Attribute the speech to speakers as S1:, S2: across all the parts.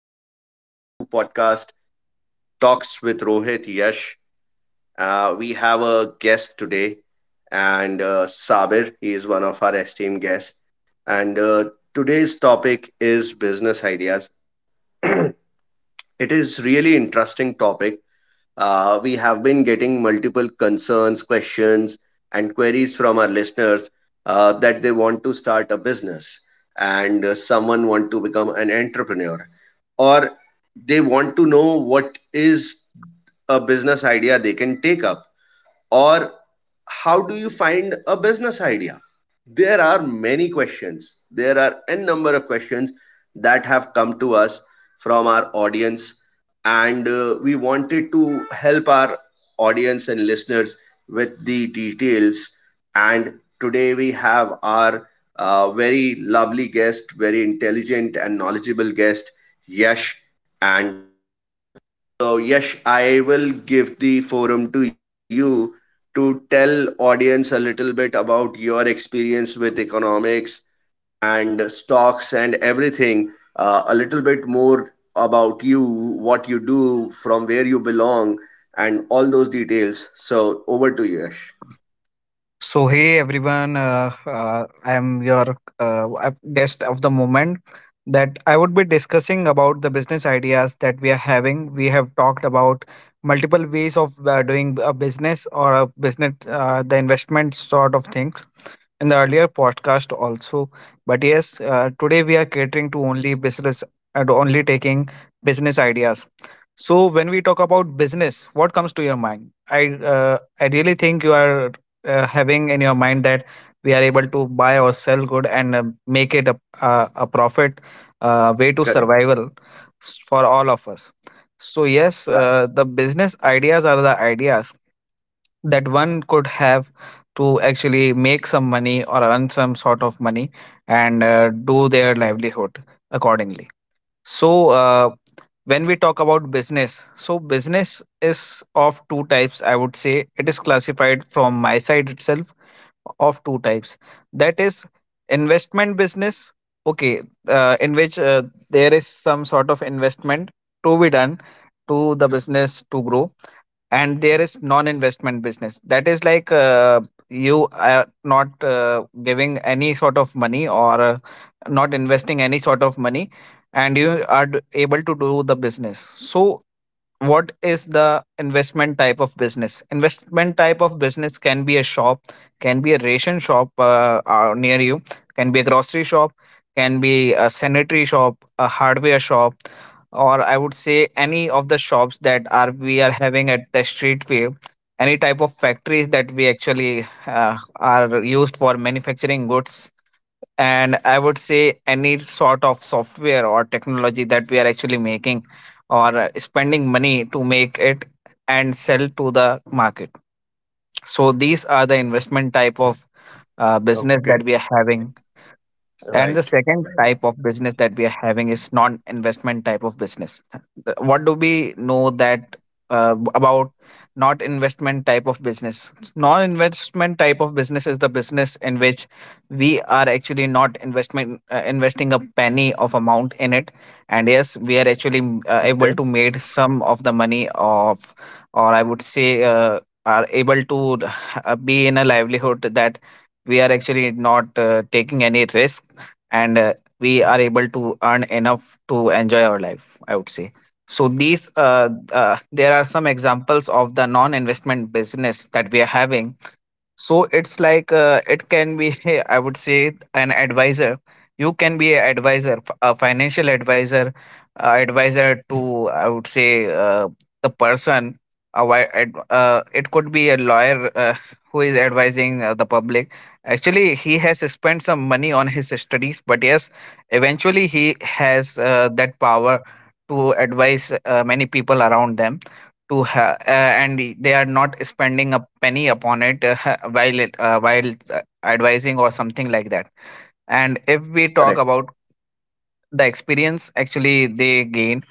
S1: And welcome to podcast Talks with Rohit Yash. We have a guest today, and Sabir. He is one of our esteemed guests. And today's topic is business ideas. It is really interesting topic. We have been getting multiple concerns, questions, and queries from our listeners, that they want to start a business, and someone want to become an entrepreneur, or they want to know what is a business idea they can take up, or how do you find a business idea. There are many questions, there are n number of questions that have come to us from our audience, and we wanted to help our audience and listeners with the details. And today we have our very lovely guest, very intelligent and knowledgeable guest, Yash. And so yes, I will give the forum to you to tell audience a little bit about your experience with economics and stocks and everything. A little bit more about you, what you do, from where you belong, and all those details. So over to you, Yash.
S2: So hey everyone, I am your guest of the moment that I would be discussing about the business ideas that we are having. We have talked about multiple ways of doing a business or a business, the investment sort of things in the earlier podcast also. But yes, today we are catering to only business and only taking business ideas. So when we talk about business, what comes to your mind? I really think you are having in your mind that we are able to buy or sell good and make it a profit way to survival
S1: Correct.
S2: for all of us. So yes, the
S1: You're right.
S2: business ideas are the ideas that one could have to actually make some money or earn some sort of money and do their livelihood accordingly. So when we talk about business, so business is of two types, I would say. It is classified from my side itself of two types, that is investment business. Okay, in which there is some sort of investment to be done to the business to grow. And there is non-investment business, that is like, you are not giving any sort of money or not investing any sort of money and you are able to do the business. So what is the investment type of business? Investment type of business can be a shop, can be a ration shop near you, can be a grocery shop, can be a sanitary shop, a hardware shop, or I would say any of the shops that are we are having at the street view, any type of factories that we actually are used for manufacturing goods, and I would say any sort of software or technology that we are actually making or spending money to make it and sell to the market. So these are the investment type of business that we are having. And the second type of business that we are having is non-investment type of business. What do we know that about not investment type of business? Non-investment type of business is the business in which we are actually not investment investing a penny of amount in it, and yes, we are actually able to made some of the money of, or I would say, are able to be in a livelihood that we are actually not taking any risk and we are able to earn enough to enjoy our life, I would say. So these there are some examples of the non investment business that we are having. So it's like, it can be I would say an advisor. You can be an advisor, a financial advisor, advisor to, I would say, the person, it could be a lawyer who is advising the public. Actually, he has spent some money on his studies, but yes, eventually he has that power to advise many people around them, and they are not spending a penny upon it, while while advising or something like that. And if we talk
S1: Correct.
S2: about the experience actually they gain,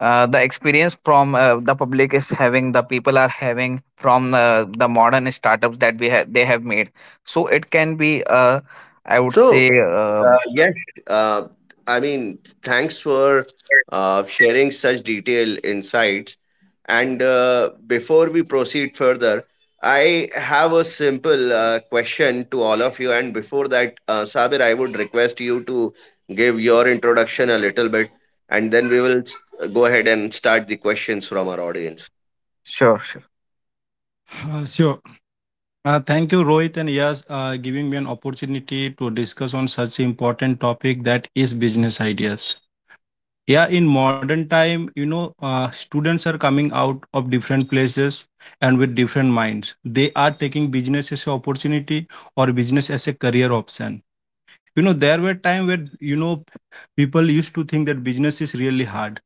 S2: the experience from the people are having from the modern startups that they have made. So it can be, I would
S1: So,
S2: say, uh,
S1: uh, yes, uh, I mean, thanks for sharing such detailed insights. And before we proceed further, I have a simple question to all of you. And before that, Sabir, I would request you to give your introduction a little bit, and then we will go ahead and start the questions from our audience.
S2: sure, sure.
S3: Sure. Thank you, Rohit and Yas, giving me an opportunity to discuss on such important topic, that is business ideas. Yeah, in modern time, students are coming out of different places and with different minds. They are taking business as an opportunity or business as a career option. You know, there were time where, you know, people used to think that business is really hard,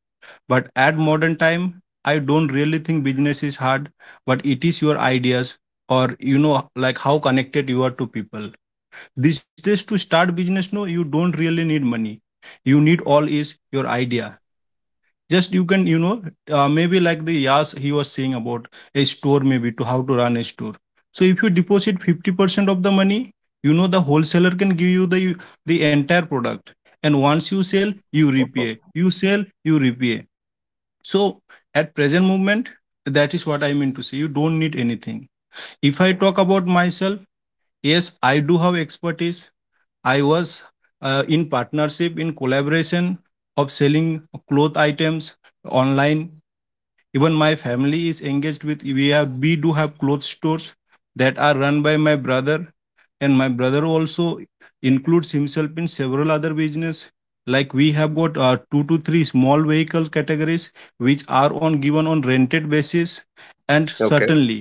S3: but at modern time, I don't really think business is hard, but it is your ideas, or, you know, like how connected you are to people. These days to start business, no, you don't really need money. You need, all is your idea. Just you can, maybe like the Yas he was saying about a store, maybe to how to run a store. So if you deposit 50% of the money, you know, the wholesaler can give you the entire product. And once you sell you
S1: Oh,
S3: repay, you sell you repay. So at present moment, that is what I mean to say, you don't need anything. If I talk about myself, yes, I do have expertise. I was, in partnership, in collaboration of selling cloth items online. Even my family is engaged with, we do have clothes stores that are run by my brother. And my brother also includes himself in several other business. Like we have got two to three small vehicle categories which are on given on rented basis. And
S1: okay.
S3: certainly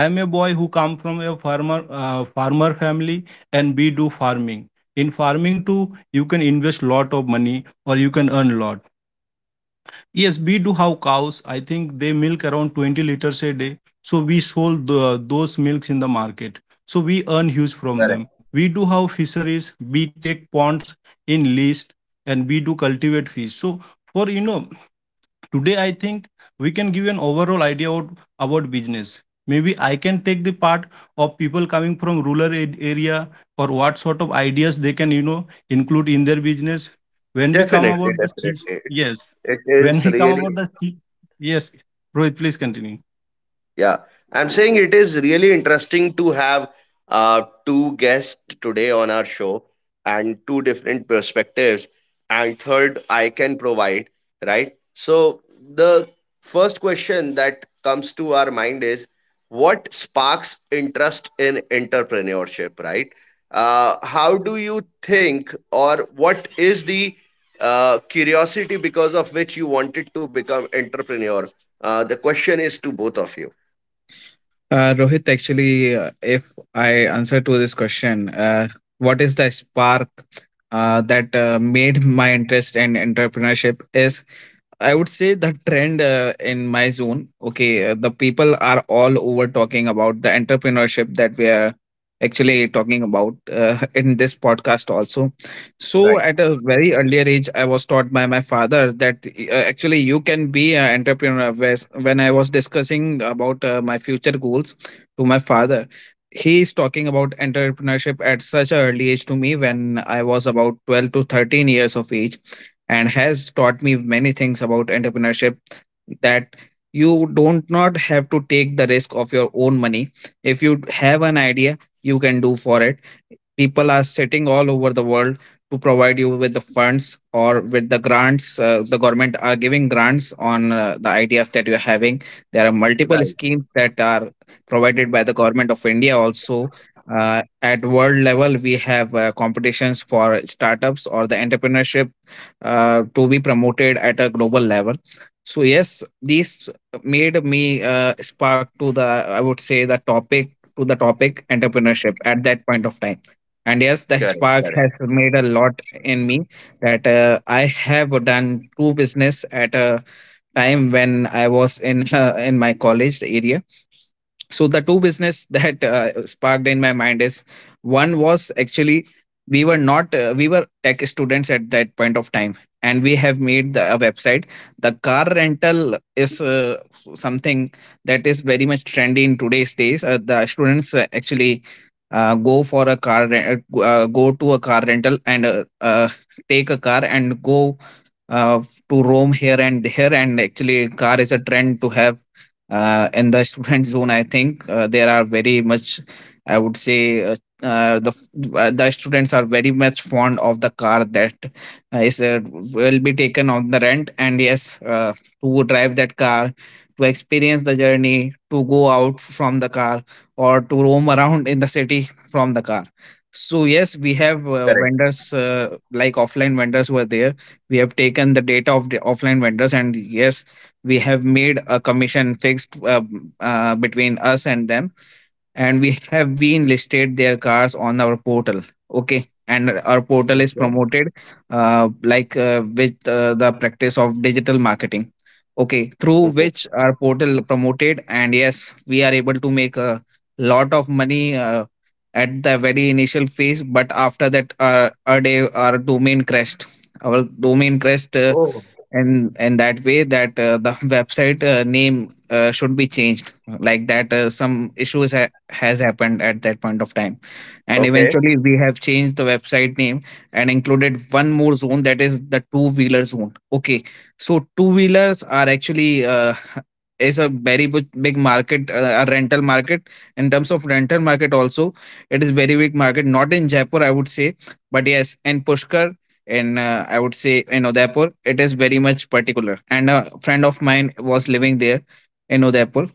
S3: I am a boy who come from a farmer farmer family, and we do farming. In farming too, you can invest lot of money, or you can earn lot. Yes, we do have cows. I think they milk around 20 liters a day. So we sold the, those milks in the market. So we earn huge from
S1: Correct.
S3: them. We do have fisheries. We take ponds in lease, and we do cultivate fish. So, for, you know, today I think we can give an overall idea about business. Maybe I can take the part of people coming from rural area, or what sort of ideas they can, you know, include in their business. when we come
S1: Definitely,
S3: about the
S1: definitely.
S3: se-
S1: It,
S3: yes
S1: it
S3: when
S1: is
S3: we come about
S1: really.
S3: the se- yes, Rohit, please continue.
S1: Yeah, I'm saying it is really interesting to have two guests today on our show and two different perspectives. And third, I can provide, right? So, the first question that comes to our mind is what sparks interest in entrepreneurship, right? How do you think, or what is the curiosity because of which you wanted to become entrepreneur? The question is to both of you.
S2: Rohit, actually, if I answer to this question, what is the spark that made my interest in entrepreneurship is, I would say, the trend in my zone. Okay, the people are all over talking about the entrepreneurship that we are actually talking about in this podcast also. So, at
S1: Right,
S2: a very earlier age, I was taught by my father that actually you can be an entrepreneur. Whereas when I was discussing about my future goals to my father, he is talking about entrepreneurship at such an early age to me when I was about 12 to 13 years of age and has taught me many things about entrepreneurship, that you don't not have to take the risk of your own money. If you have an idea, you can do for it. People are sitting all over the world to provide you with the funds or with the grants. The government are giving grants on the ideas that you're having. There are multiple
S1: right,
S2: schemes that are provided by the government of India also. At world level, we have competitions for startups or the entrepreneurship to be promoted at a global level. So yes, these made me spark to the, I would say, the topic, to the topic entrepreneurship at that point of time. And yes, the
S1: correct,
S2: spark has made a lot in me, that I have done two business at a time when I was in my college area. So the two business that sparked in my mind is, one was actually, we were not we were tech students at that point of time, and we have made a website. The car rental is something that is very much trendy in today's days. The students actually go to a car rental and take a car and go uh, to roam here and there. And actually, car is a trend to have in the student zone, I think. There are very much, I would say, uh, the students are very much fond of the car that is will be taken on the rent. And yes, to drive that car, to experience the journey, to go out from the car or to roam around in the city from the car. So yes, we have
S1: correct.
S2: vendors, like offline vendors were there. We have taken the data of the offline vendors, and yes, we have made a commission fixed, between us and them, and we have been listed their cars on our portal. Okay, and our portal is
S1: Okay.
S2: promoted with the practice of digital marketing. Okay, through
S1: Mhm.
S2: which our portal promoted, and yes, we are able to make a lot of money at the very initial phase. But after that, our domain crashed. Our domain crashed,
S1: Oh,
S2: and that way that the website name should be changed, like that, some issues has happened at that point of time. And
S1: okay.
S2: eventually, we have changed the website name and included one more zone, that is the two wheeler zone. Okay, so two wheelers are actually, is a very big market, a rental market. In terms of rental market also, it is very big market, not in Jaipur I would say, but yes in Pushkar, in I would say in Udaipur. It is very much particular. And a friend of mine was living there in Udaipur.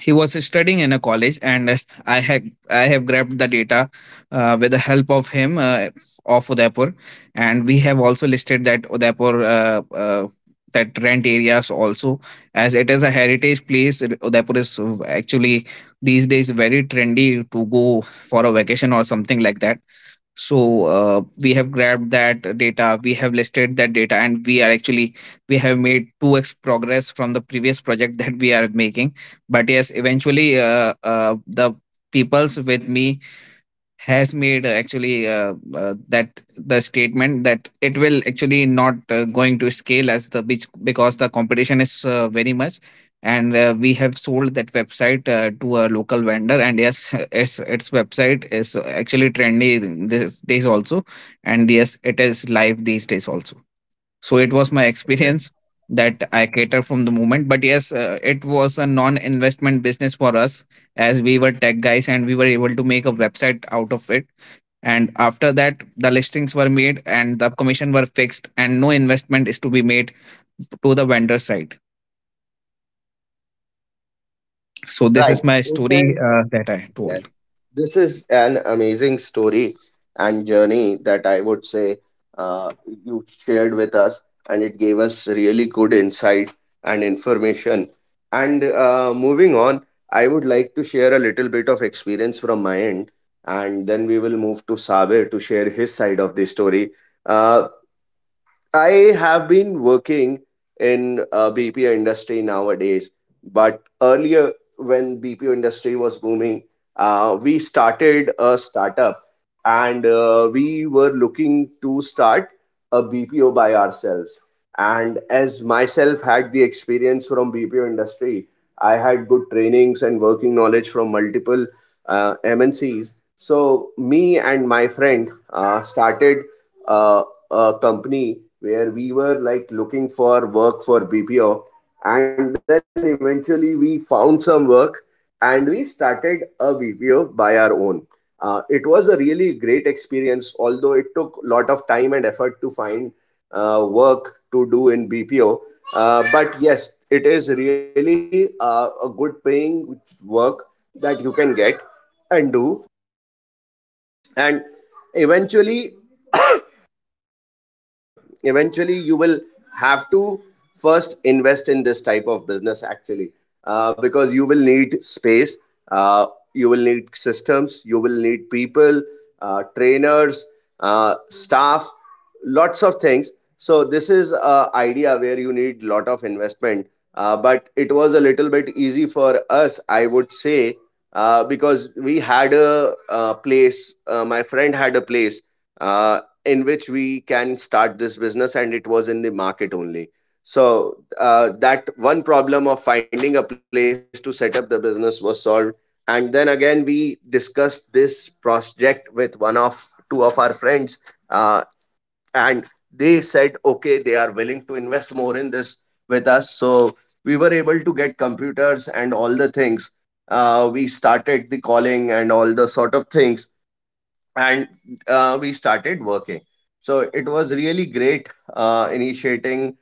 S2: He was studying in a college, and I have grabbed the data with the help of him, of Udaipur, and we have also listed that Udaipur. That rent areas also, as it is a heritage place, Udaipur is actually these days very trendy to go for a vacation or something like that. So we have grabbed that data, we have listed that data, and we are actually, we have made 2x progress from the previous project that we are making. But yes, eventually, the peoples with me has made, actually that the statement that it will actually not going to scale as the beach, because the competition is very much. And we have sold that website to a local vendor. And yes, its website is actually trendy these days also, and yes, it is live these days also. So it was my experience that I cater from the moment. But yes, it was a non investment business for us, as we were tech guys and we were able to make a website out of it. And after that, the listings were made and the commission were fixed, and no investment is to be made to the vendor side. So this is
S1: Right.
S2: my story
S1: This is,
S2: that I
S1: yes,
S2: told.
S1: this is an amazing story and journey that I would say uh, you shared with us, and it gave us really good insight and information. And moving on, I would like to share a little bit of experience from my end, and then we will move to Sabir to share his side of the story. Uh, I have been working in BPO industry nowadays, but earlier when BPO industry was booming, we started a startup and we were looking to start a BPO by ourselves. And as myself had the experience from BPO industry, I had good trainings and working knowledge from multiple MNCs. So me and my friend started uh, a company where we were like looking for work for BPO, and then eventually we found some work and we started a BPO by our own. It was a really great experience, although it took a lot of time and effort to find work to do in. But yes, it is really a good paying work that you can get and do. And eventually eventually you will have to first invest in this type of business actually, because you will need space, uh, you will need systems, you will need people, trainers, staff, lots of things. So this is a idea where you need lot of investment. But it was a little bit easy for us, I would say, because we had a, place, my friend had a place uh, in which we can start this business, and it was in the market only. So that one problem of finding a place to set up the business was solved. And then again we discussed this project with one of two of our friends, uh, and they said okay, they are willing to invest more in this with us. So we were able to get computers and all the things. We started the calling and all the sort of things, and we started working. So it was really great initiating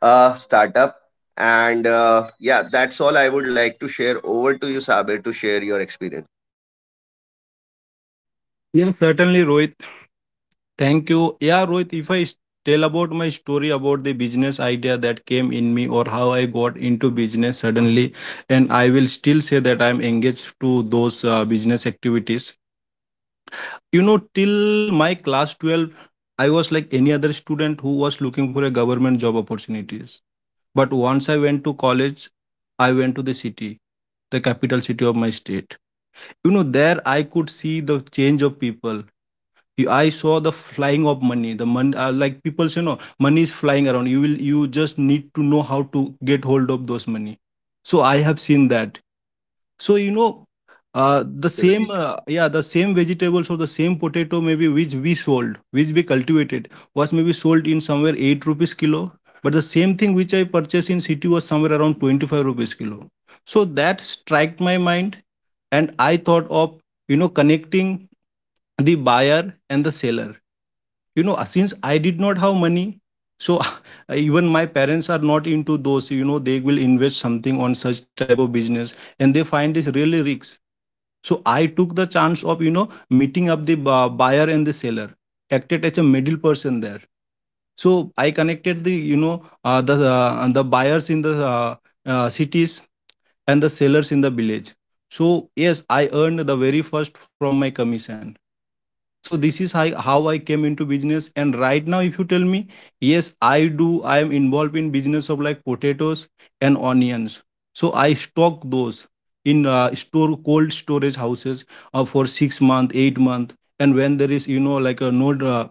S1: a startup. And yeah, that's all I would like to share. Over to you, Sabir, to share your experience.
S3: Yes, certainly, Rohit. Thank you. Yeah, Rohit, if I s- tell about my story about the business idea that came in me, or how I got into business suddenly, and I will still say that I'm engaged to those business activities. You know, till my class 12, I was like any other student who was looking for a government job opportunities. But once I went to college, I went to the city, the capital city of my state. You know, there I could see the change of people. I saw the flying of money. The money, like people say, no, money is flying around. You will, you just need to know how to get hold of those money. So I have seen that. So, you know,
S1: Right,
S3: the same vegetables or the same potato maybe which we sold, which we cultivated, was maybe sold in somewhere eight rupees kilo, but the same thing which I purchased in city was somewhere around 25 rupees kilo. So that struck my mind, and I thought of, you know, connecting the buyer and the seller. You know, since I did not have money, so even my parents are not into those, you know, they will invest something on such type of business, and they find this really risks. So I took the chance of, you know, meeting up the buyer and the seller, acted as a middle person there. So I connected the, you know, the buyers in the cities and the sellers in the village. So yes, I earned the very first from my commission. So this is how I came into business. And right now, if you tell me, yes, I am involved in business of like potatoes and onions. So I stock those in store cold storage houses for 6 month, 8 month. And when there is, you know, like a no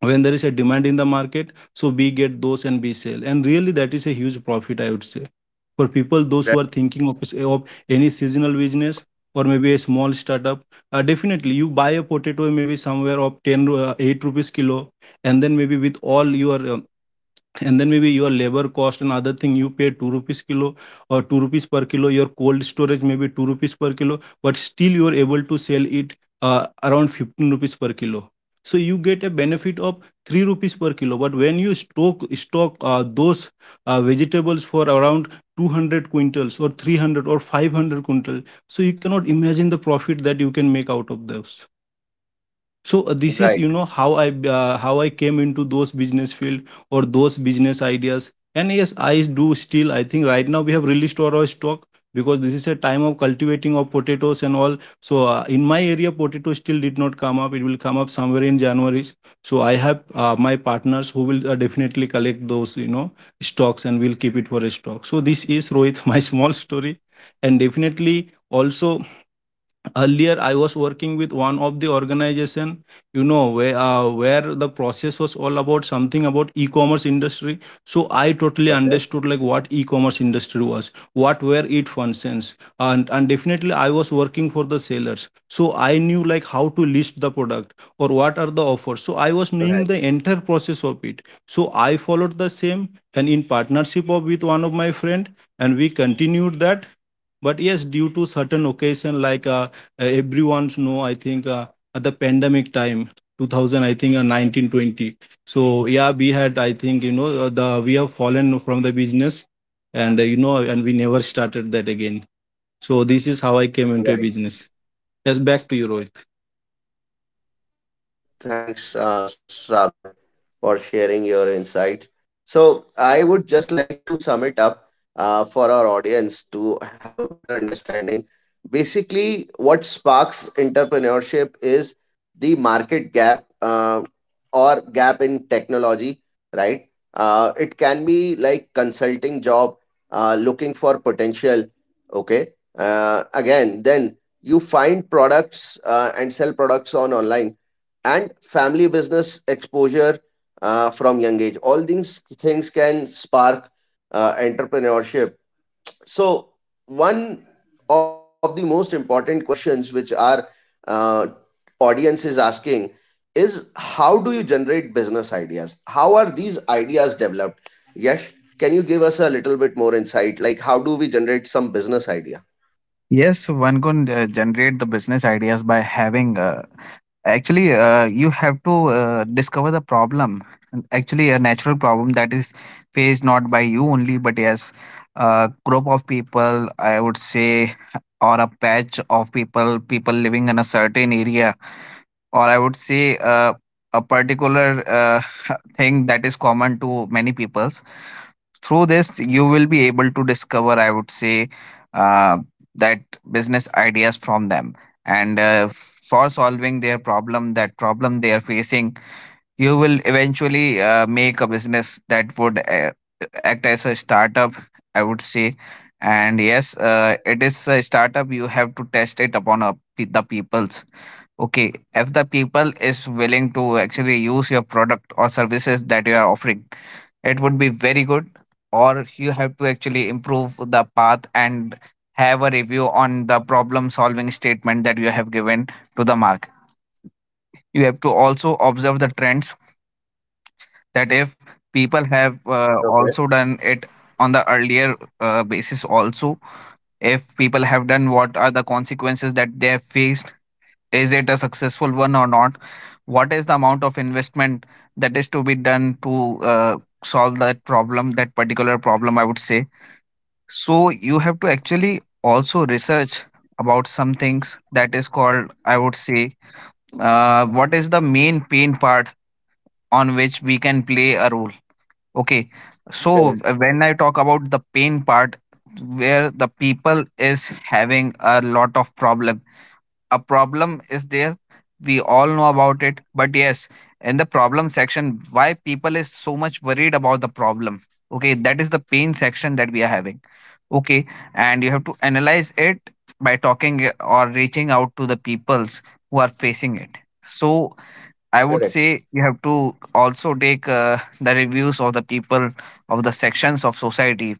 S3: when there is a demand in the market, so we get those and we sell, and really that is a huge profit, I would say, for people those who are thinking of any seasonal business or maybe a small startup. Definitely you buy a potato maybe somewhere of 8 rupees kilo, and then maybe with all your and then maybe your labor cost and other thing, you pay 2 rupees kilo, or 2 rupees per kilo, your cold storage maybe 2 rupees per kilo, but still you are able to sell it uh, around 15 rupees per kilo. So you get a benefit of 3 rupees per kilo. But when you stock those vegetables for around 200 quintals or 300 or 500 quintal, so you cannot imagine the profit that you can make out of those. So, this is
S1: right,
S3: you know how I how I came into those business field or those business ideas. And yes, I do still, I think right now we have released all our stock, because this is a time of cultivating of potatoes and all. So in my area, potato still did not come up, it will come up somewhere in January. So I have my partners who will definitely collect those, you know, stocks and will keep it for a stock. So this is, Rohit, my small story. And definitely also, earlier I was working with one of the organization, you know, where the process was all about something about e-commerce industry. So I totally
S1: right, okay,
S3: understood like what e-commerce industry was, what were it functions. And definitely I was working for the sellers, so I knew like how to list the product or what are the offers. So I was knowing the entire process of it.
S1: right,
S3: So I followed the same, and in partnership of with one of my friend, and we continued that. But yes, due to certain occasion, like, everyone's know, I think, at the pandemic time 2000, I think, 1920. So yeah, we had, I think, you know, the we have fallen from the business, and, you know, and we never started that again. So this is how I came into a business. Yes, back to you,
S1: right.
S3: Rohit.
S1: Thanks, Sabir, for sharing your insights. So, I would just like to sum it up for our audience to have a better understanding. Basically, what sparks entrepreneurship is the market gap or gap in technology, right? It can be like consulting job, looking for potential. Okay. Uh, you find products and sell products on online, and family business exposure from young age. All these things can spark entrepreneurship. So, one of the most important questions which our uh, audience is asking is how do you generate business ideas? How are these ideas developed? Yash, can you give us a little bit more insight? Like, how do we generate some business idea?
S2: Yes, one can generate the business ideas by having, actually you have to discover the problem. And actually a natural problem that is faced not by you only, but yes, a group of people I would say, or a patch of people, people living in a certain area, or I would say a particular thing that is common to many peoples. Through this, you will be able to discover, I would say, uh, that business ideas from them. And for solving their problem, that problem they are facing, you will eventually make a business that would act as a startup, I would say. And yes, it is a startup. You have to test it upon the peoples. Okay, if the people is willing to actually use your product or services that you are offering, it would be very good, or you have to actually improve the path and have a review on the problem solving statement that you have given to the market. You have to also observe the trends, that if people have
S1: Yes,
S2: also done it on the earlier basis also. If people have done, what are the consequences that they have faced? Is it a successful one or not? What is the amount of investment that is to be done to solve that problem, that particular problem? I would say. So you have to actually also research about some things that is called, I would say, what is the main pain part on which we can play a role. Okay, so
S1: correct,
S2: when I talk about the pain part, where the people is having a lot of problems, a problem is there, we all know about it, but yes, in the problem section, why people is so much worried about the problem? Okay, that is the pain section that we are having. Okay, and you have to analyze it by talking or reaching out to the peoples who are facing it. So I would
S1: correct,
S2: say you have to also take the reviews of the people, of the sections of society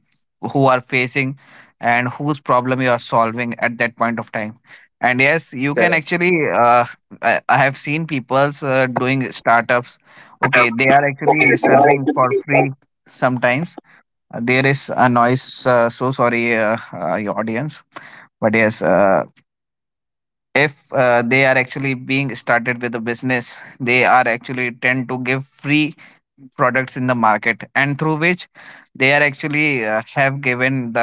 S2: who are facing and whose problem you are solving at that point of time. And yes, you can
S1: correct.
S2: actually. I, have seen people's doing startups. Okay, they are actually serving for free sometimes. There is a noise. So sorry, your audience. But yes, if they are actually being started with a business, they are actually tend to give free products in the market, and through which they are actually have given the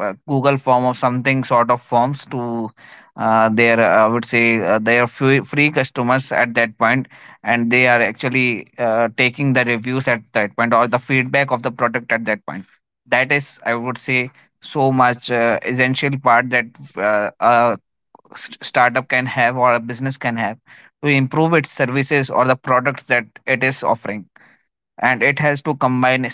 S2: google form of something, sort of forms to their I would say their free customers at that point, and they are actually taking the reviews at that point or the feedback of the product at that point. That is, I would say, so much essential part that a startup can have or a business can have to improve its services or the products that it is offering, and it has to combine.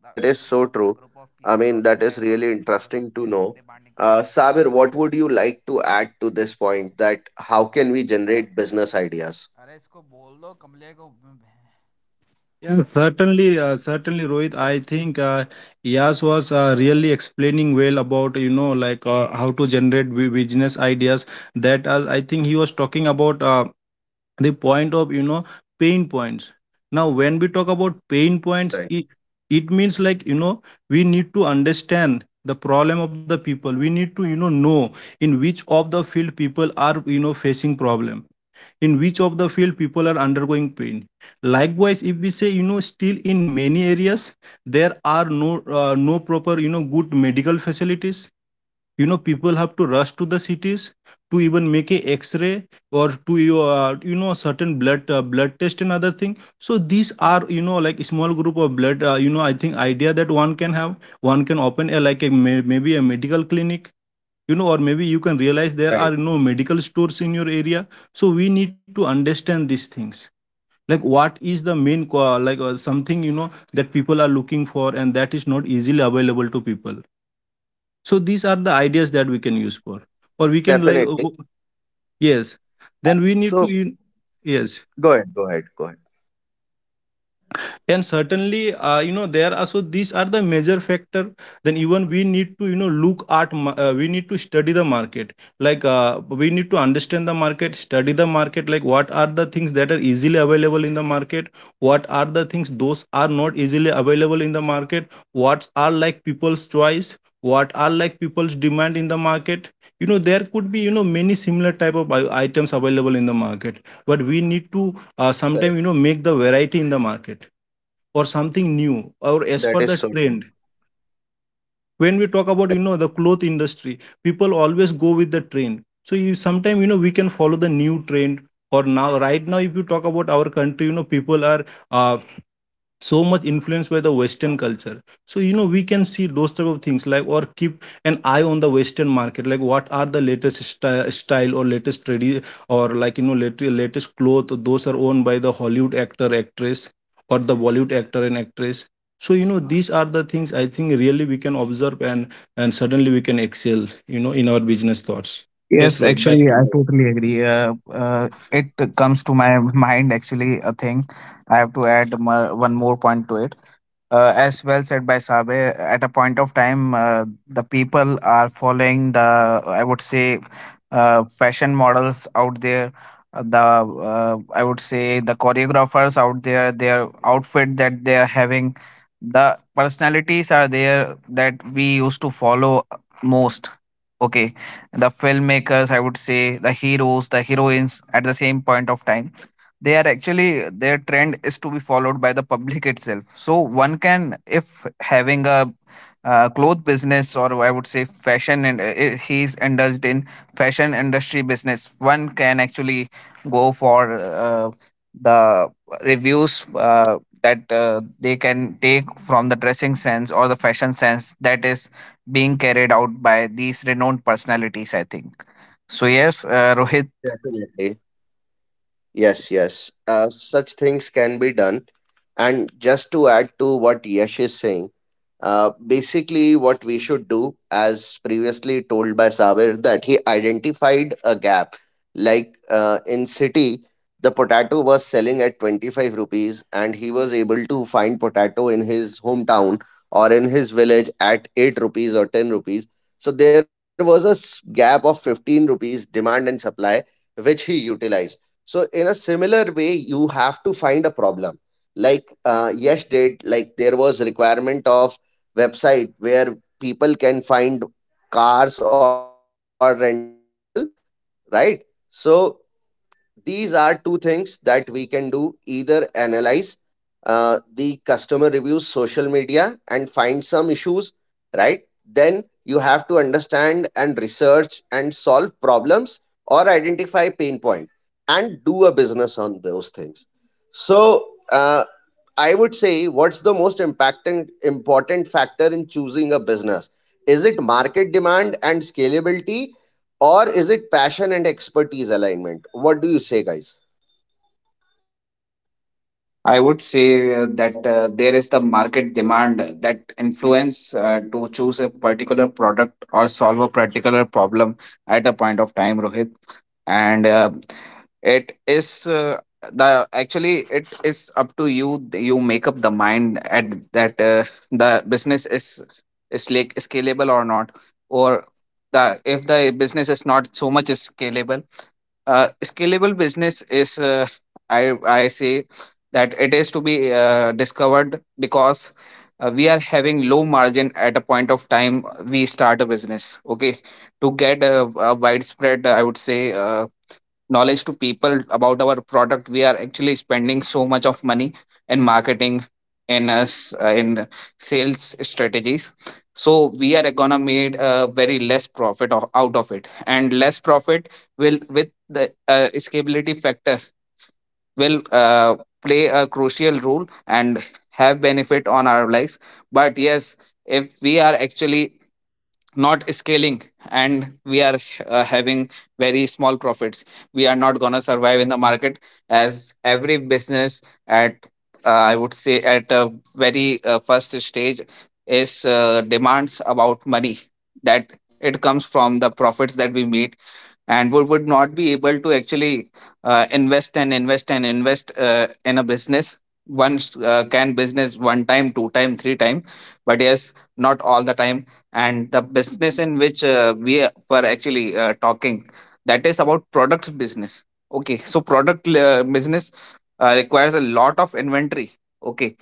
S1: That is so true. I mean, that is really interesting to know. Sabir, what would you like to add to this point that how can we generate business ideas?
S3: Yeah, certainly, certainly, Rohit. I think Yas was really explaining well about, you know, like, how to generate business ideas. That, I think he was talking about, the point of, you know, pain points. Now when we talk about pain points,
S1: Right,
S3: it means, like, you know, we need to understand the problem of the people. We need to, you know in which of the field people are, you know, facing problem, in which of the field people are undergoing pain. Likewise, if we say, you know, still in many areas there are no proper, you know, good medical facilities. You know, people have to rush to the cities to even make a x-ray, or to, you know, certain blood blood test and other thing. So these are, you know, like a small group of blood, you know, I think idea that one can have. One can open a like a maybe a medical clinic, you know, or maybe you can realize there
S1: right,
S3: are, you know, medical stores in your area. So we need to understand these things, like what is the main something, you know, that people are looking for and that is not easily available to people. So these are the ideas
S1: right,
S3: that we
S1: right.
S3: can use for, or we can like,
S1: Definitely.
S3: yes, then we need to
S1: So
S3: yes,
S1: go ahead, go ahead, go ahead.
S3: and certainly, you know, there are, so these are the major factor. Then even we need to, you know, look at we need to study the market. Like, we need to understand the market, study the market, like what are the things that are easily available in the market, what are the things those are not easily available in the market, what are like people's choice, what are like people's demand in the market. You know, there could be, you know, many similar type of items available in the market, but we need to, sometime,
S1: Correct.
S3: you know, make the variety in the market or something new or as
S1: That
S3: per
S1: is
S3: the
S1: so true.
S3: trend. When we talk about,
S1: Right.
S3: you know, the cloth industry, people always go with the trend. So you sometime, you know, we can follow the new trend. Or now, right now, if you talk about our country, you Know people are uh, so much influenced by the Western culture. So you know we can see those type of things, like, or keep an eye on the Western market, like what are the latest style or latest tradi, or like you know latest cloth those are owned by the Hollywood actor, actress, or the Bollywood actor and actress. So you know these are the things I think really we can observe, and suddenly we can excel, you know, in our business thoughts. Yes,
S2: Yes,
S3: Rohit, back
S2: actually,
S3: to
S2: I
S3: you.
S2: totally agree. It comes to my mind actually a thing. I have to add one more point to it. As well said by Sabe, at a point of time, the people are following the, I would say, fashion models out there. The I would say the choreographers out there, their outfit that they are having, the personalities are there that we used to follow most. Okay, the filmmakers, I would say, the heroes, the heroines at the same point of time, they are actually, their trend is to be followed by the public itself. So one can, if having a cloth business, or I would say fashion, and he's indulged in fashion industry business, one can actually go for the reviews that they can take from the dressing sense or the fashion sense that is being carried out by these renowned personalities, I think. So yes, Rohit.
S1: Definitely. Yes, yes. Such things can be done. And just to add to what Yash is saying, basically, what we should do, as previously told by Sabir, that he identified a gap. Like in city, the potato was selling at 25 rupees, and he was able to find potato in his hometown or in his village at 8 rupees or 10 rupees. So there was a gap of 15 rupees demand and supply, which he utilized. So in a similar way, you have to find a problem. Like Yesh did, like there was requirement of website where people can find cars or rental, right? So these are two things that we can do: either analyze the customer reviews social media and find some issues, right? Then you have to understand and research and solve problems, or identify pain point and do a business on those things. So uh, I would say, what's the most impacting important factor in choosing a business? Is it market demand and scalability, or is it passion and expertise alignment? What do you say, guys?
S2: I would say that there is the market demand that influence to choose a particular product or solve a particular problem at a point of time, Rohit. And it is the actually it is up to you, you make up the mind at that, the business is like scalable or not, or the, if the business is not so much scalable. Scalable business is, I say, that it is to be discovered, because we are having low margin at a point of time we start a business. Okay, to get a widespread, I would say, knowledge to people about our product, we are actually spending so much of money in marketing and us in sales strategies. So we are gonna made a very less profit out of it, and less profit will, with the scalability factor, will play a crucial role and have benefit on our lives. But yes, if we are actually not scaling and we are having very small profits, we are not going to survive in the market, as every business at I would say, at a very first stage, is demands about money, that it comes from the profits that we made, and would not be able to actually invest and invest and invest in a business. Once, can business one time, two time, three time, but yes, not all the time. And the business in which we were actually talking, that is about products business. Okay, so product business requires a lot of inventory. Okay,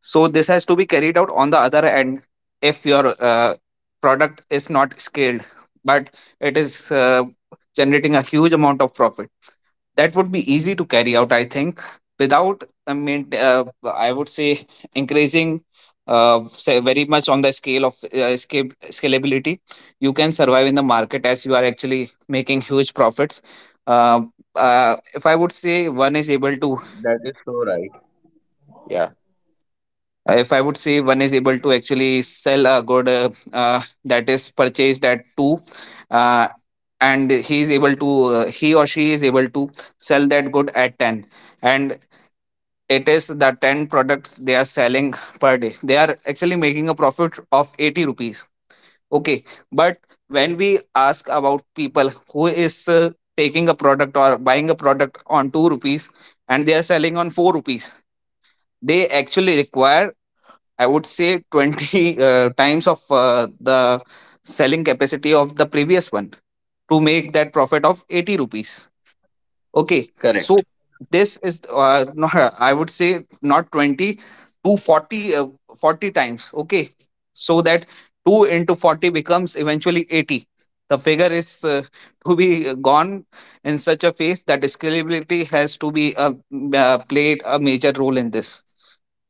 S2: so this has to be carried out on the other end. If your product is not scaled, but it is generating a huge amount of profit, that would be easy to carry out, I think, without, I mean, I would say, increasing say very much on the scalability. You can survive in the market as you are actually making huge profits. Uh, if I would say one is able to.
S1: That is so right. Yeah,
S2: If I would say one is able to actually sell a good uh, that is purchased at 2, uh, and he is able to, he or she is able to sell that good at 10, and it is the 10 products they are selling per day, they are actually making a profit of 80 rupees. Okay, but when we ask about people who is taking a product or buying a product on 2 rupees, and they are selling on 4 rupees, they actually require, I would say, 20 times of the selling capacity of the previous one to make that profit of 80 rupees. Okay, so
S1: correct,
S2: this is no, I would say not 20 to 40, 40 times. Okay, so that 2 into 40 becomes eventually 80. The figure is to be gone in such a phase that scalability has to be played a major role in this.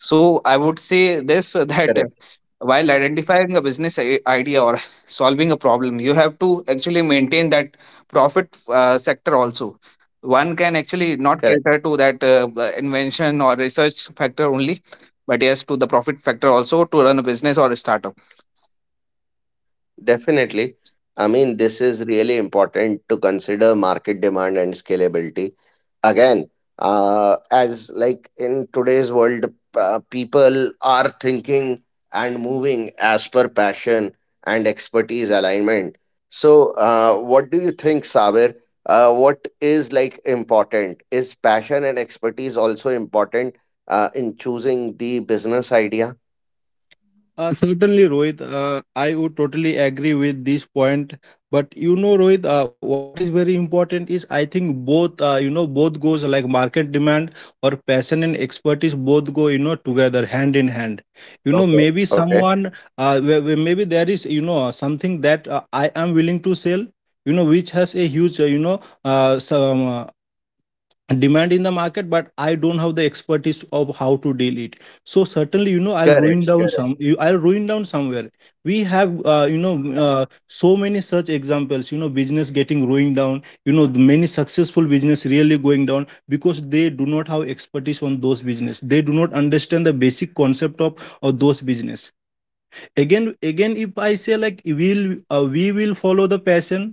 S2: So I would say this that
S1: correct,
S2: while identifying a business idea or solving a problem, you have to actually maintain that profit sector also. One can actually not
S1: correct.
S2: cater to that invention or research factor only, but yes, to the profit factor also, to run a business or a startup.
S1: Definitely. I mean, this is really important to consider market demand and scalability. Again, as like in today's world, people are thinking and moving as per passion and expertise alignment. So, what do you think, Sabir? What is like important? Is passion and expertise also important in choosing the business idea?
S3: Certainly, Rohit, I would totally agree with this point. But you know, Rohit, what is very important is I think both, you know, both goes like market demand or passion and expertise both go, you know, together hand in hand. You know,
S1: Okay.
S3: maybe
S1: Okay.
S3: someone, where maybe there is, you know, something that I am willing to sell. You know, which has a huge, you know, some demand in the market, but I don't have the expertise of how to deal it. So certainly you know I'll
S1: Correct.
S3: ruin down
S1: Correct.
S3: some you, I'll ruin down somewhere. We have you know, so many such examples, you know, business getting ruined down, you know, the many successful business really going down because they do not have expertise on those business, they do not understand the basic concept of those business. Again, if I say like we will follow the passion,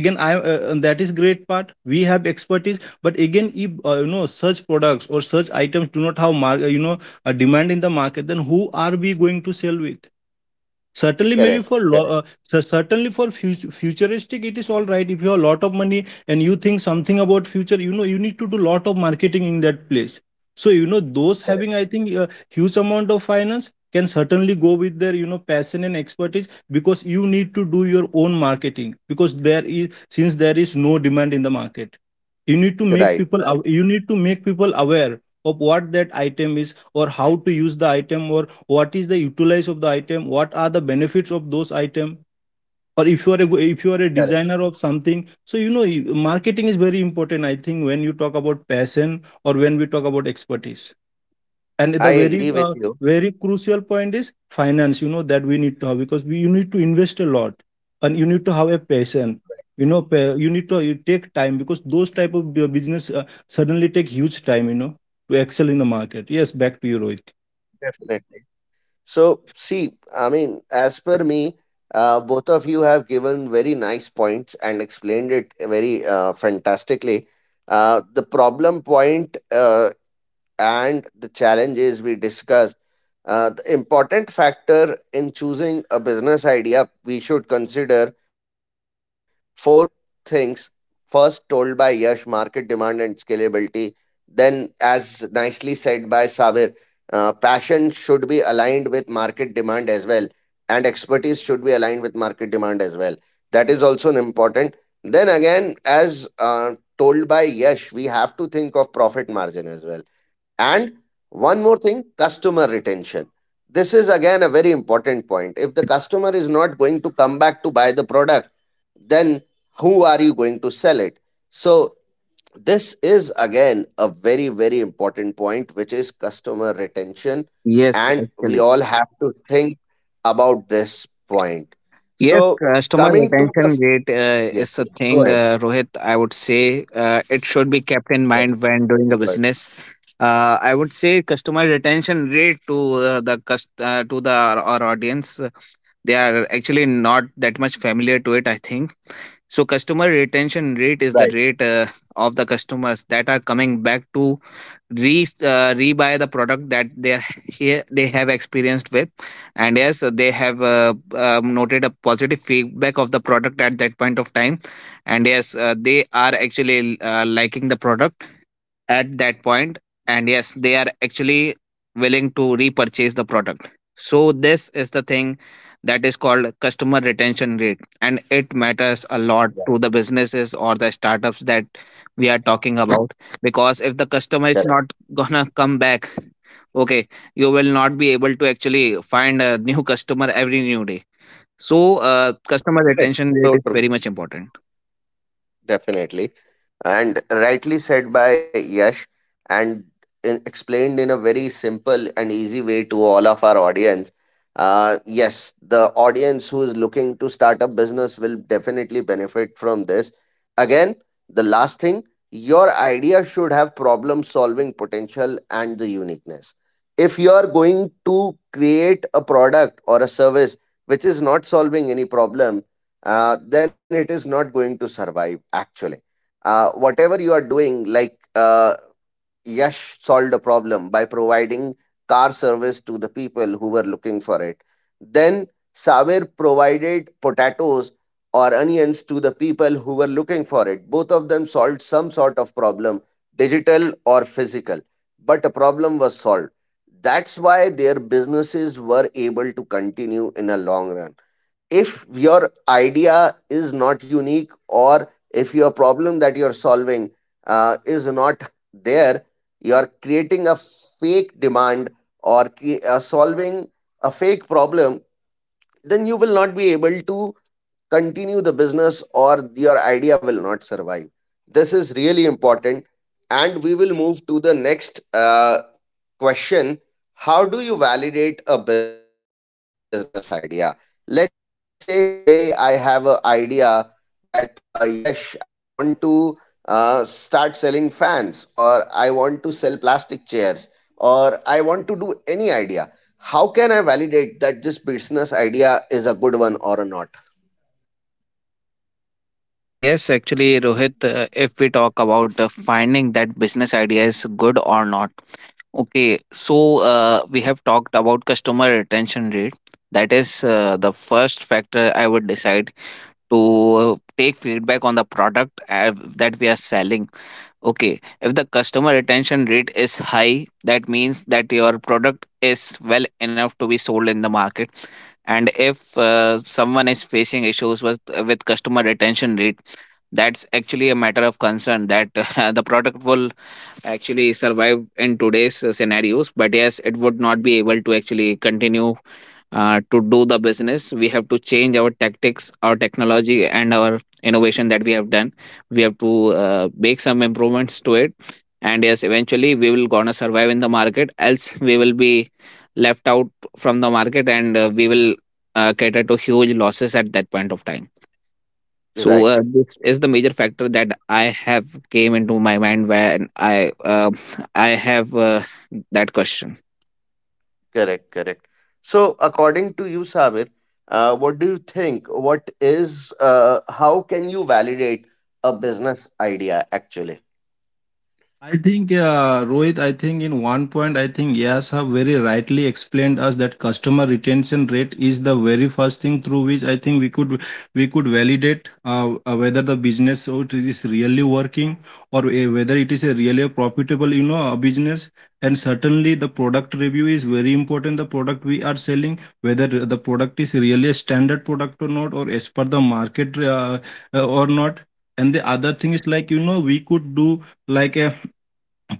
S3: again I that is great part, we have expertise, but again, if you know, such products or such items do not have you know, a demand in the market, then who are we going to sell with? Certainly, maybe for
S1: Correct. Correct.
S3: certainly for futuristic, it is all right if you have a lot of money and you think something about future, you know, you need to do lot of marketing in that place. So you know those having, I think, a
S1: Correct.
S3: huge amount of finance can certainly go with their, you know, passion and expertise, because you need to do your own marketing, because there is, since there is no demand in the market. You need to make people
S1: Right.
S3: you need to
S1: Right.
S3: make people aware of what that item is, or how to use the item, or what is the utilize of the item, what are the benefits of those item, or if you are a if you are a designer
S1: Correct.
S3: of something. So you know, you- marketing is very important, I think, when you talk about passion or when we talk about expertise. And the very
S1: I agree with
S3: very
S1: you.
S3: crucial point is finance, you know, that we need to have, because we, you need to invest a lot, and you need to have a passion. You know, you need to, you take time, because those type of business suddenly take huge time, you know, to excel in the market. Yes, back to you, Rohit.
S1: Definitely. So, see, I mean, as per me, both of you have given very nice points and explained it very fantastically. The problem point and the challenges we discussed. The important factor in choosing a business idea, we should consider four things. First, told by Yash, market demand and scalability. Then, as nicely said by Sabir, passion should be aligned with market demand as well, and expertise should be aligned with market demand as well. That is also an important. Then again, as told by Yash, we have to think profit margin as well, and one more thing, customer retention. This is again a very important point. If the customer is not going to come back to buy the product, then who are you going to sell it? So, this is again a very, very important point, which is customer retention.
S2: yes
S1: And we
S2: actually
S1: all have to think about this point.
S2: Yes,
S1: So,
S2: customer
S1: coming to
S2: retention
S1: the.
S2: rate
S1: Yeah,
S2: is a
S1: yeah, go
S2: thing,
S1: ahead.
S2: Rohit. I would say it should be kept in
S1: Yes,
S2: mind when doing
S1: please
S2: a
S1: go ahead.
S2: business. I would say customer retention rate to to the our audience. They are actually not that much familiar to it, I think so. Customer retention rate is the
S1: Right,
S2: rate of the customers that are coming back to re rebuy the product that they are here they have experienced with, and yes, they have noted a positive feedback of the product at that point of time, and yes, they are actually liking the product at that point, and yes, they are actually willing to repurchase the product. So this is the thing that is called customer retention rate, and it matters a lot
S1: right,
S2: to the businesses or the startups that we are talking about, because if the customer is
S1: correct.
S2: not gonna come back, okay, you will not be able to actually find a new customer every new day. So customer
S1: Correct.
S2: retention rate
S1: So
S2: is
S1: true,
S2: very much important.
S1: definitely. And rightly said by Yash, and in, explained in a very simple and easy way to all of our audience. Yes, the audience who is looking to start a business will definitely benefit from this. Again, the last thing, your idea should have problem solving potential and the uniqueness. If you are going to create a product or a service which is not solving any problem, then it is not going to survive actually. Whatever you are doing, like Yash solved a problem by providing car service to the people who were looking for it. Then Saber provided potatoes or onions to the people who were looking for it. Both of them solved some sort of problem, digital or physical, but a problem was solved. That's why their businesses were able to continue in a long run. If your idea is not unique, or if your problem that you're solving is not there, you're creating a fake demand or solving a fake problem, then you will not be able to continue the business, or your idea will not survive. This is really important, and we will move to the next question. How do you validate a business idea? Let's say today I have an idea that yes, I want to start selling fans, or I want to sell plastic chairs, or I want to do any idea. How can I validate that this business idea is a good one or not?
S2: Yes, actually, Rohit, if we talk about finding that business idea is good or not, okay, so we have talked about customer retention rate. That is the first factor I would decide, to take feedback on the product that we are selling. Okay, if the customer retention rate is high, that means that your product is well enough to be sold in the market, and if someone is facing issues with customer retention rate, that's actually a matter of concern that the product will actually survive in today's scenarios. But yes, it would not be able to actually continue to do the business. We have to change our tactics, our technology, and our innovation that we have done. We have to make some improvements to it, and yes, eventually we will gonna survive in the market, else we will be left out from the market, and we will cater to huge losses at that point of time. So
S1: Right.
S2: this is the major factor that I have came into my mind when I have that question.
S1: Correct, correct. So according to you, Sabir, what do you think? What is how can you validate a business idea actually?
S3: I think, Rohit, I think in one point, I think Yas have very rightly explained us that customer retention rate is the very first thing through which I think we could, we could validate whether the business or it is really working, or whether it is a really a profitable, you know, business. And certainly the product review is very important. The product we are selling, whether the product is really a standard product or not, or as per the market or not. And the other thing is like, you know, we could do like a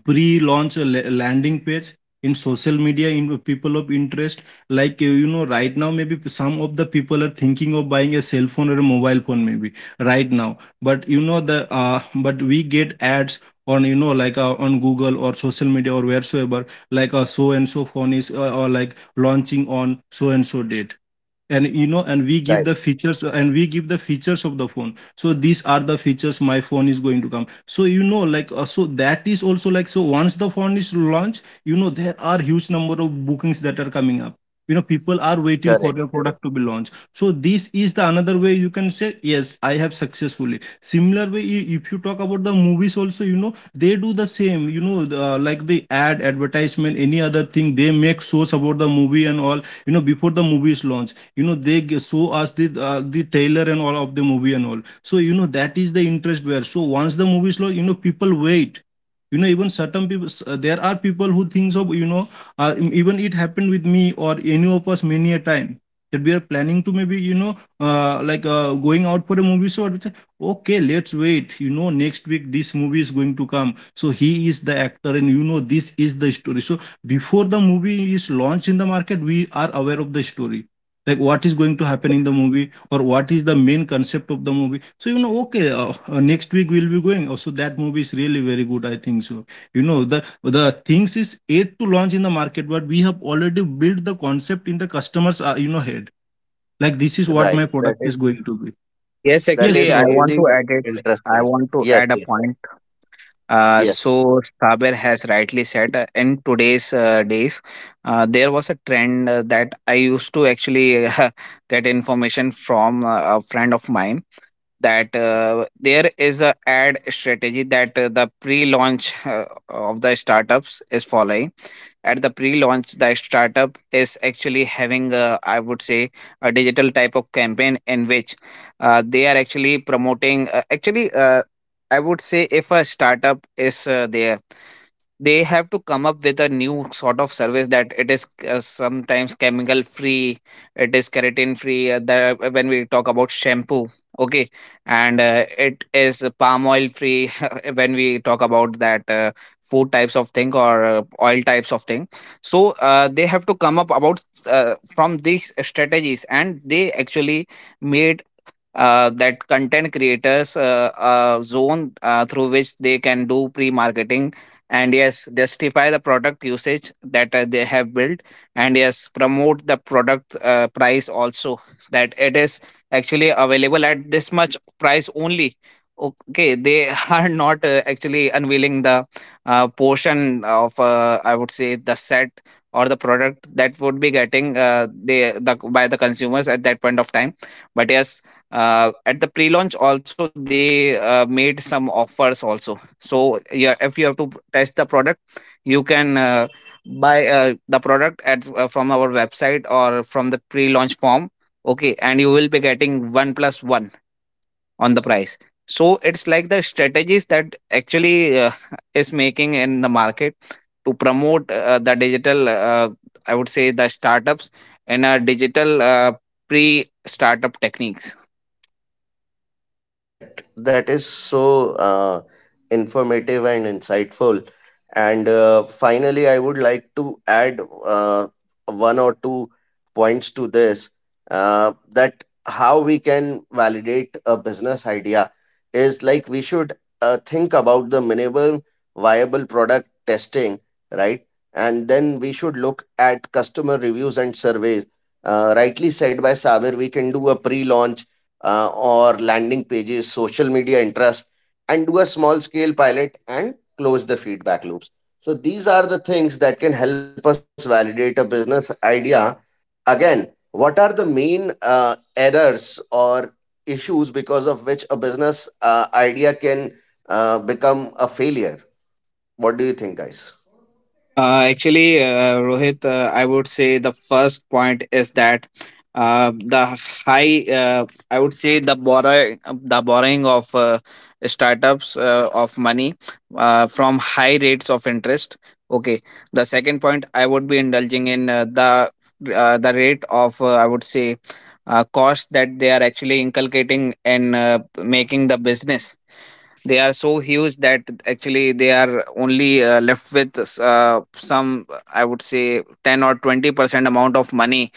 S3: pre-launch landing page in social media, in people of interest. Like you know, right now maybe some of the people are thinking of buying a cell phone or a mobile phone, maybe, right now. But you know, the but we get ads on, you know, like on Google or social media or wheresoever, like so and so phone is or like launching on so and so date. And you know, and we give
S1: Right.
S3: the features and we give the features of the phone. So these are the features my phone is going to come. So you know, like so that is also like, so once the phone is launched, you know, there are huge number of bookings that are coming up. You know, people are
S1: Correct,
S3: waiting for their
S1: correct.
S3: product to be launched. So this is the another way you can say, yes, I have successfully similar way if you talk about the movies also, you know, they do the same, you know, the, like the ad advertisement, any other thing, they make shows about the movie and all. You know, before the movie is launched, you know, they show us the trailer and all of the movie and all. So you know, that is the interest where, so once the movie is launched, you know, people wait. You know, even certain people there are people who thinks of, you know, even it happened with me or any of us many a time, that we are planning to maybe, you know, like going out for a movie, so we say, okay, let's wait, you know, next week this movie is going to come. So he is the actor, and you know, this is the story. So before the movie is launched in the market, we are aware of the story, like what is going to happen in the movie or what is the main concept of the movie. So you know, okay, next week we'll be going, also that movie is really very good, I think so. You know, the things is yet to launch in the market, but we have already built the concept in the customers, you know, head, like this is what
S1: Right.
S3: my
S1: That
S3: product is
S1: is.
S3: going to be.
S2: Yes,
S1: That
S3: Yes,
S2: actually,
S1: is
S2: I
S3: so
S2: want
S1: really
S2: to add it. I
S1: interesting.
S2: want to
S1: Yes,
S2: add a
S1: yes,
S2: point. Uh,
S1: yes.
S2: so Saber has rightly said, in today's days, there was a trend that I used to actually get information from a friend of mine that there is a ad strategy that the pre-launch of the startups is following. At the pre-launch, the startup is actually having, I would say, a digital type of campaign in which they are actually promoting, actually I would say, if a startup is there, they have to come up with a new sort of service that it is sometimes chemical free, it is keratin free, when we talk about shampoo. Okay. And it is palm oil free when we talk about that, food types of thing or oil types of thing. So they have to come up about, from these strategies, and they actually made that content creators, zone, through which they can do pre-marketing, and yes, justify the product usage that they have built, and yes, promote the product, price also, that it is actually available at this much price only. Okay, they are not actually unveiling the portion of, I would say, the set or the product that would be getting they the by the consumers at that point of time. But yes, at the pre-launch also, they made some offers also. So yeah, if you have to test the product, you can buy the product at, from our website or from the pre-launch form. Okay, and you will be getting one plus one on the price. So it's like the strategies that actually is making in the market to promote the digital, I would say, the startups in a digital pre startup techniques.
S1: Correct. That is so informative and insightful. And finally, I would like to add uh, one or two points to this, that how we can validate a business idea is like we should think about the minimum viable product testing, right? And then we should look at customer reviews and surveys. Rightly said by Sabir, we can do a pre launch or landing pages, social media interest, and do a small scale pilot and close the feedback loops. So these are the things that can help us validate a business idea. Again, what are the main errors or issues because of which a business idea can become a failure? What do you think, guys?
S2: Actually, Rohit, I would say the first point is that uh, the I would say the borrowing of startups of money from high rates of interest. Okay. The second point I would be indulging in the rate of, I would say, cost that they are actually inculcating in making the business, they are so huge that actually they are only left with some, I would say, 10 or 20% amount of money,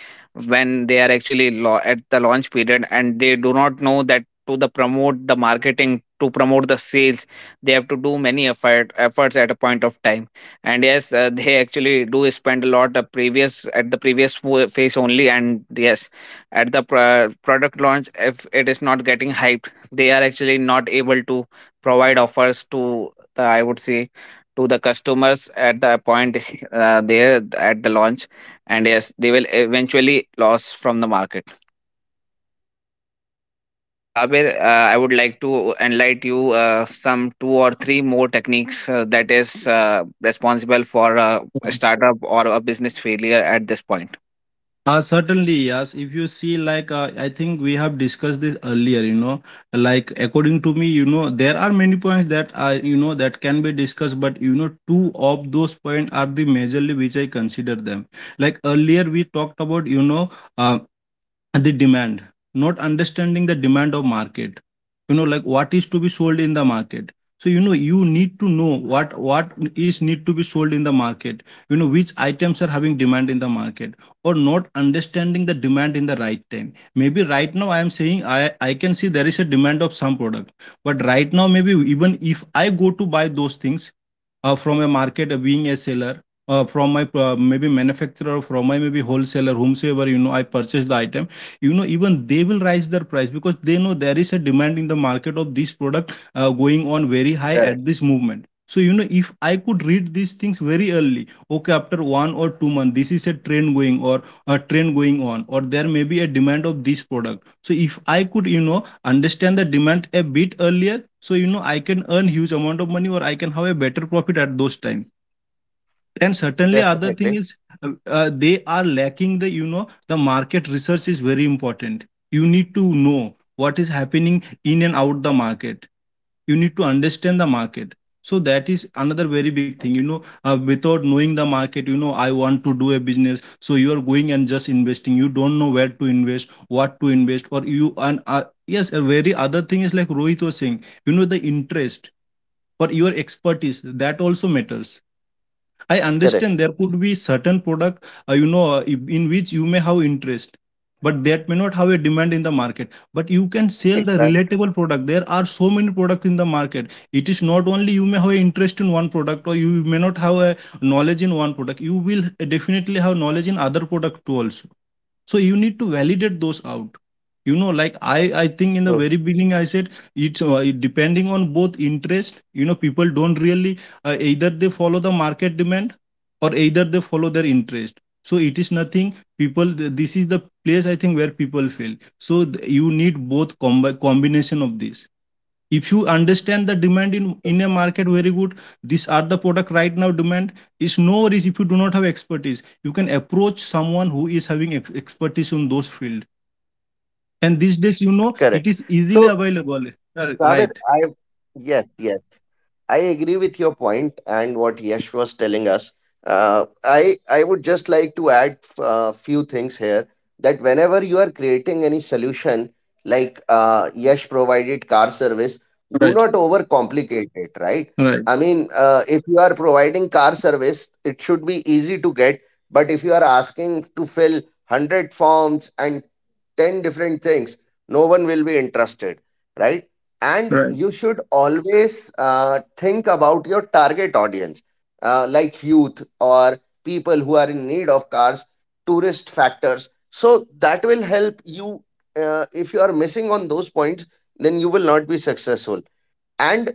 S2: when they are actually at the launch period, and they do not know that to the promote the marketing, to promote the sales, they have to do many efforts at a point of time. And yes, they actually do spend a lot of previous at the previous phase only. And yes, at the product launch, if it is not getting hyped, they are actually not able to provide offers to the, I would say, to the customers at the point there at the launch. And yes, they will eventually loss from the market. Sabir, I would like to enlighten you, some two or three more techniques that is uh, responsible for a
S3: uh,
S1: Right.
S2: startup or a business failure at this point.
S3: certainly,
S1: Right,
S3: yes.
S1: right.
S3: If you see, like, I think we have discussed this earlier, you know, like, according to me, you know, there are many points that are, you know, that can be discussed. But, you know, two of those points are the majorly which I consider them. Like, earlier we talked about, you know, um the demand, not understanding the demand of market. You know, like what is to be sold in the market. So you know, you need to know what is need to be sold in the market. You know which items are having demand in the market, or not understanding the demand in the right time. Maybe right now I am saying, I can see there is a demand of some product. But right now, maybe even if I go to buy those things, from a market, being a seller, from my maybe manufacturer, from my maybe wholesaler, whomsoever, you know, I purchase the item. You know, even they will raise their price, because they know there is a demand in the market of this product going on very high at this movement.
S1: Correct.
S3: So you know, if I could read these things very early, okay, after 1 or 2 months this is a trend going, or a trend going on, or there may be a demand of this product. So if I could, you know, understand the demand a bit earlier, so you know, I can earn huge amount of money or I can have a better profit at those time. And certainly other thing is,
S1: Definitely.
S3: they are lacking the, you know, the market research is very important. You need to know what is happening in and out the market. You need to understand the market. So that is another very big thing. You know, without knowing the market, you know, I want to do a business. So you are going and just investing. You don't know where to invest, what to invest, or you. And yes, a very other thing is like Rohit was saying. You know, the interest or your expertise, that also matters. I understand there could be
S1: Correct.
S3: certain product, you know, in which you may have interest, but that may not have a demand in the market. But you can sell the
S1: Right,
S3: relatable
S1: right.
S3: product. There are so many products in the market. It is not only you may have an interest in one product, or you may not have a knowledge in one product. You will definitely have knowledge in other product too also. So you need to validate those out. You know, like I think in the very
S1: True.
S3: beginning I said it's depending on both interest. You know, people don't really either they follow the market demand or either they follow their interest. So it is nothing, people this is the place I think where people fail. So you need both combination of this. If you understand the demand in a market very good, these are the product right now demand. Is no worries, if you do not have expertise, you can approach someone who is having expertise on those field. And these days, you
S1: Correct.
S3: know, it is
S1: So,
S3: easily available.
S1: Sabir, I
S3: Right.
S1: yes, yes. I agree with your point and what Yash was telling us. I would just like to add a few things here, that whenever you are creating any solution, like Yash provided car service,
S3: Right,
S1: do not overcomplicate it, right?
S3: right,
S1: I mean, if you are providing car service, it should be easy to get. But if you are asking to fill 100 forms and 10 different things, no one will be interested, right?
S3: right.
S1: And you should always think about your target audience, like youth or people who are in need of cars, tourist factors. So that will help you. If you are missing on those points, then you will not be successful. And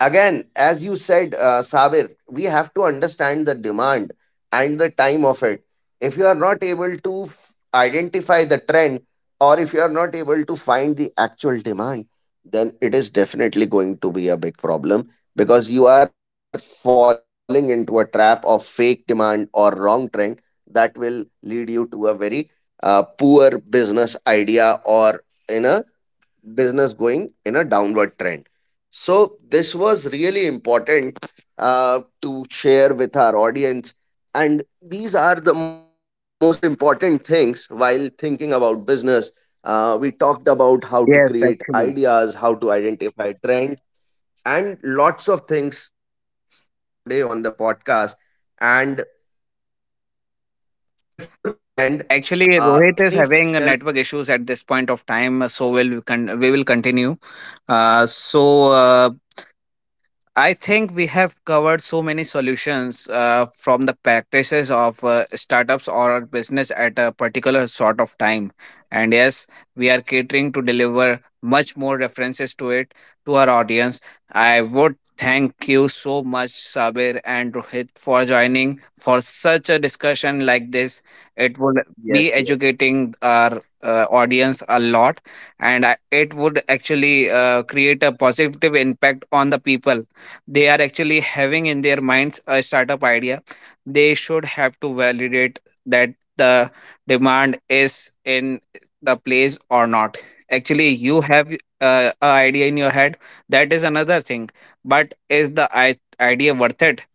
S1: again, as you said, Sabir, we have to understand the demand and the time of it. If you are not able to identify the trend, or if you are not able to find the actual demand, then it is definitely going to be a big problem, because you are falling into a trap of fake demand or wrong trend, that will lead you to a very poor business idea, or in a business going in a downward trend. So, this was really important to share with our audience. And these are the most important things while thinking about business. We talked about how to create
S2: yes
S1: ideas, how
S2: actually
S1: to identify trend, and lots of things today on the podcast. And before we end, any final
S2: Actually, Rohit is
S1: comment?
S2: having network issues at this point of time, so will we can we will continue. Uh, so uh, I think we have covered so many solutions from the practices of startups or business at a particular sort of time. And yes, we are catering to deliver much more references to it to our audience. I would thank you so much, Sabir and Rohit, for joining for such a discussion like this.
S1: Yes,
S2: It
S1: yes,
S2: would be educating our audience a lot, and I, it would actually create a positive impact on the people. They are actually having in their minds a startup idea. They should have to validate that the demand is in the place or not. Actually, you have a idea in your head, that is another thing, but is the idea worth it?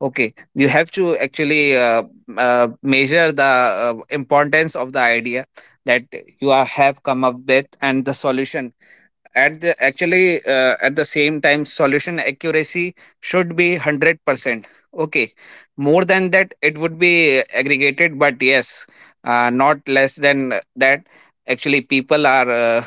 S2: Okay, you have to actually measure the importance of the idea that have come up with, and the solution, at the actually, at the same time, solution accuracy should be 100%. Okay, more than that it would be aggregated, but yes, not less than that. Actually, people are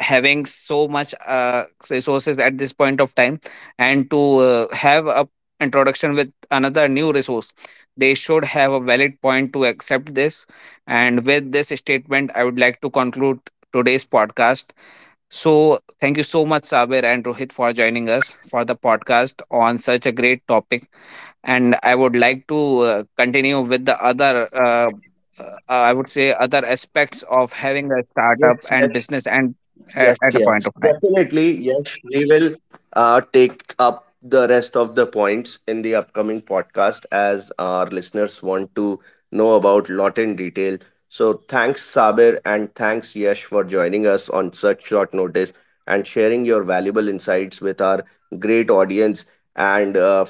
S2: having so much resources at this point of time, and to have a introduction with another new resource, they should have a valid point to accept this. And with this statement, I would like to conclude today's podcast. So, thank you so much, Sabir and Rohit, for joining us for the podcast on such a great topic. And I would like to continue with the other, I would say, other aspects of having a startup
S1: yes, yes.
S2: and business, and
S1: Yes,
S2: at a
S1: yes,
S2: point of time.
S1: definitely. Yes, we will take up the rest of the points in the upcoming podcast, as our listeners want to know about lot in detail. So thanks Sabir and thanks Yash for joining us on such short notice and sharing your valuable insights with our great audience,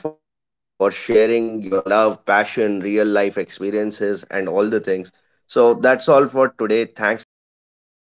S1: and for sharing your love, passion, real life experiences and all the things. So that's all for today. Thanks guys.
S3: Thank
S1: Take
S3: you.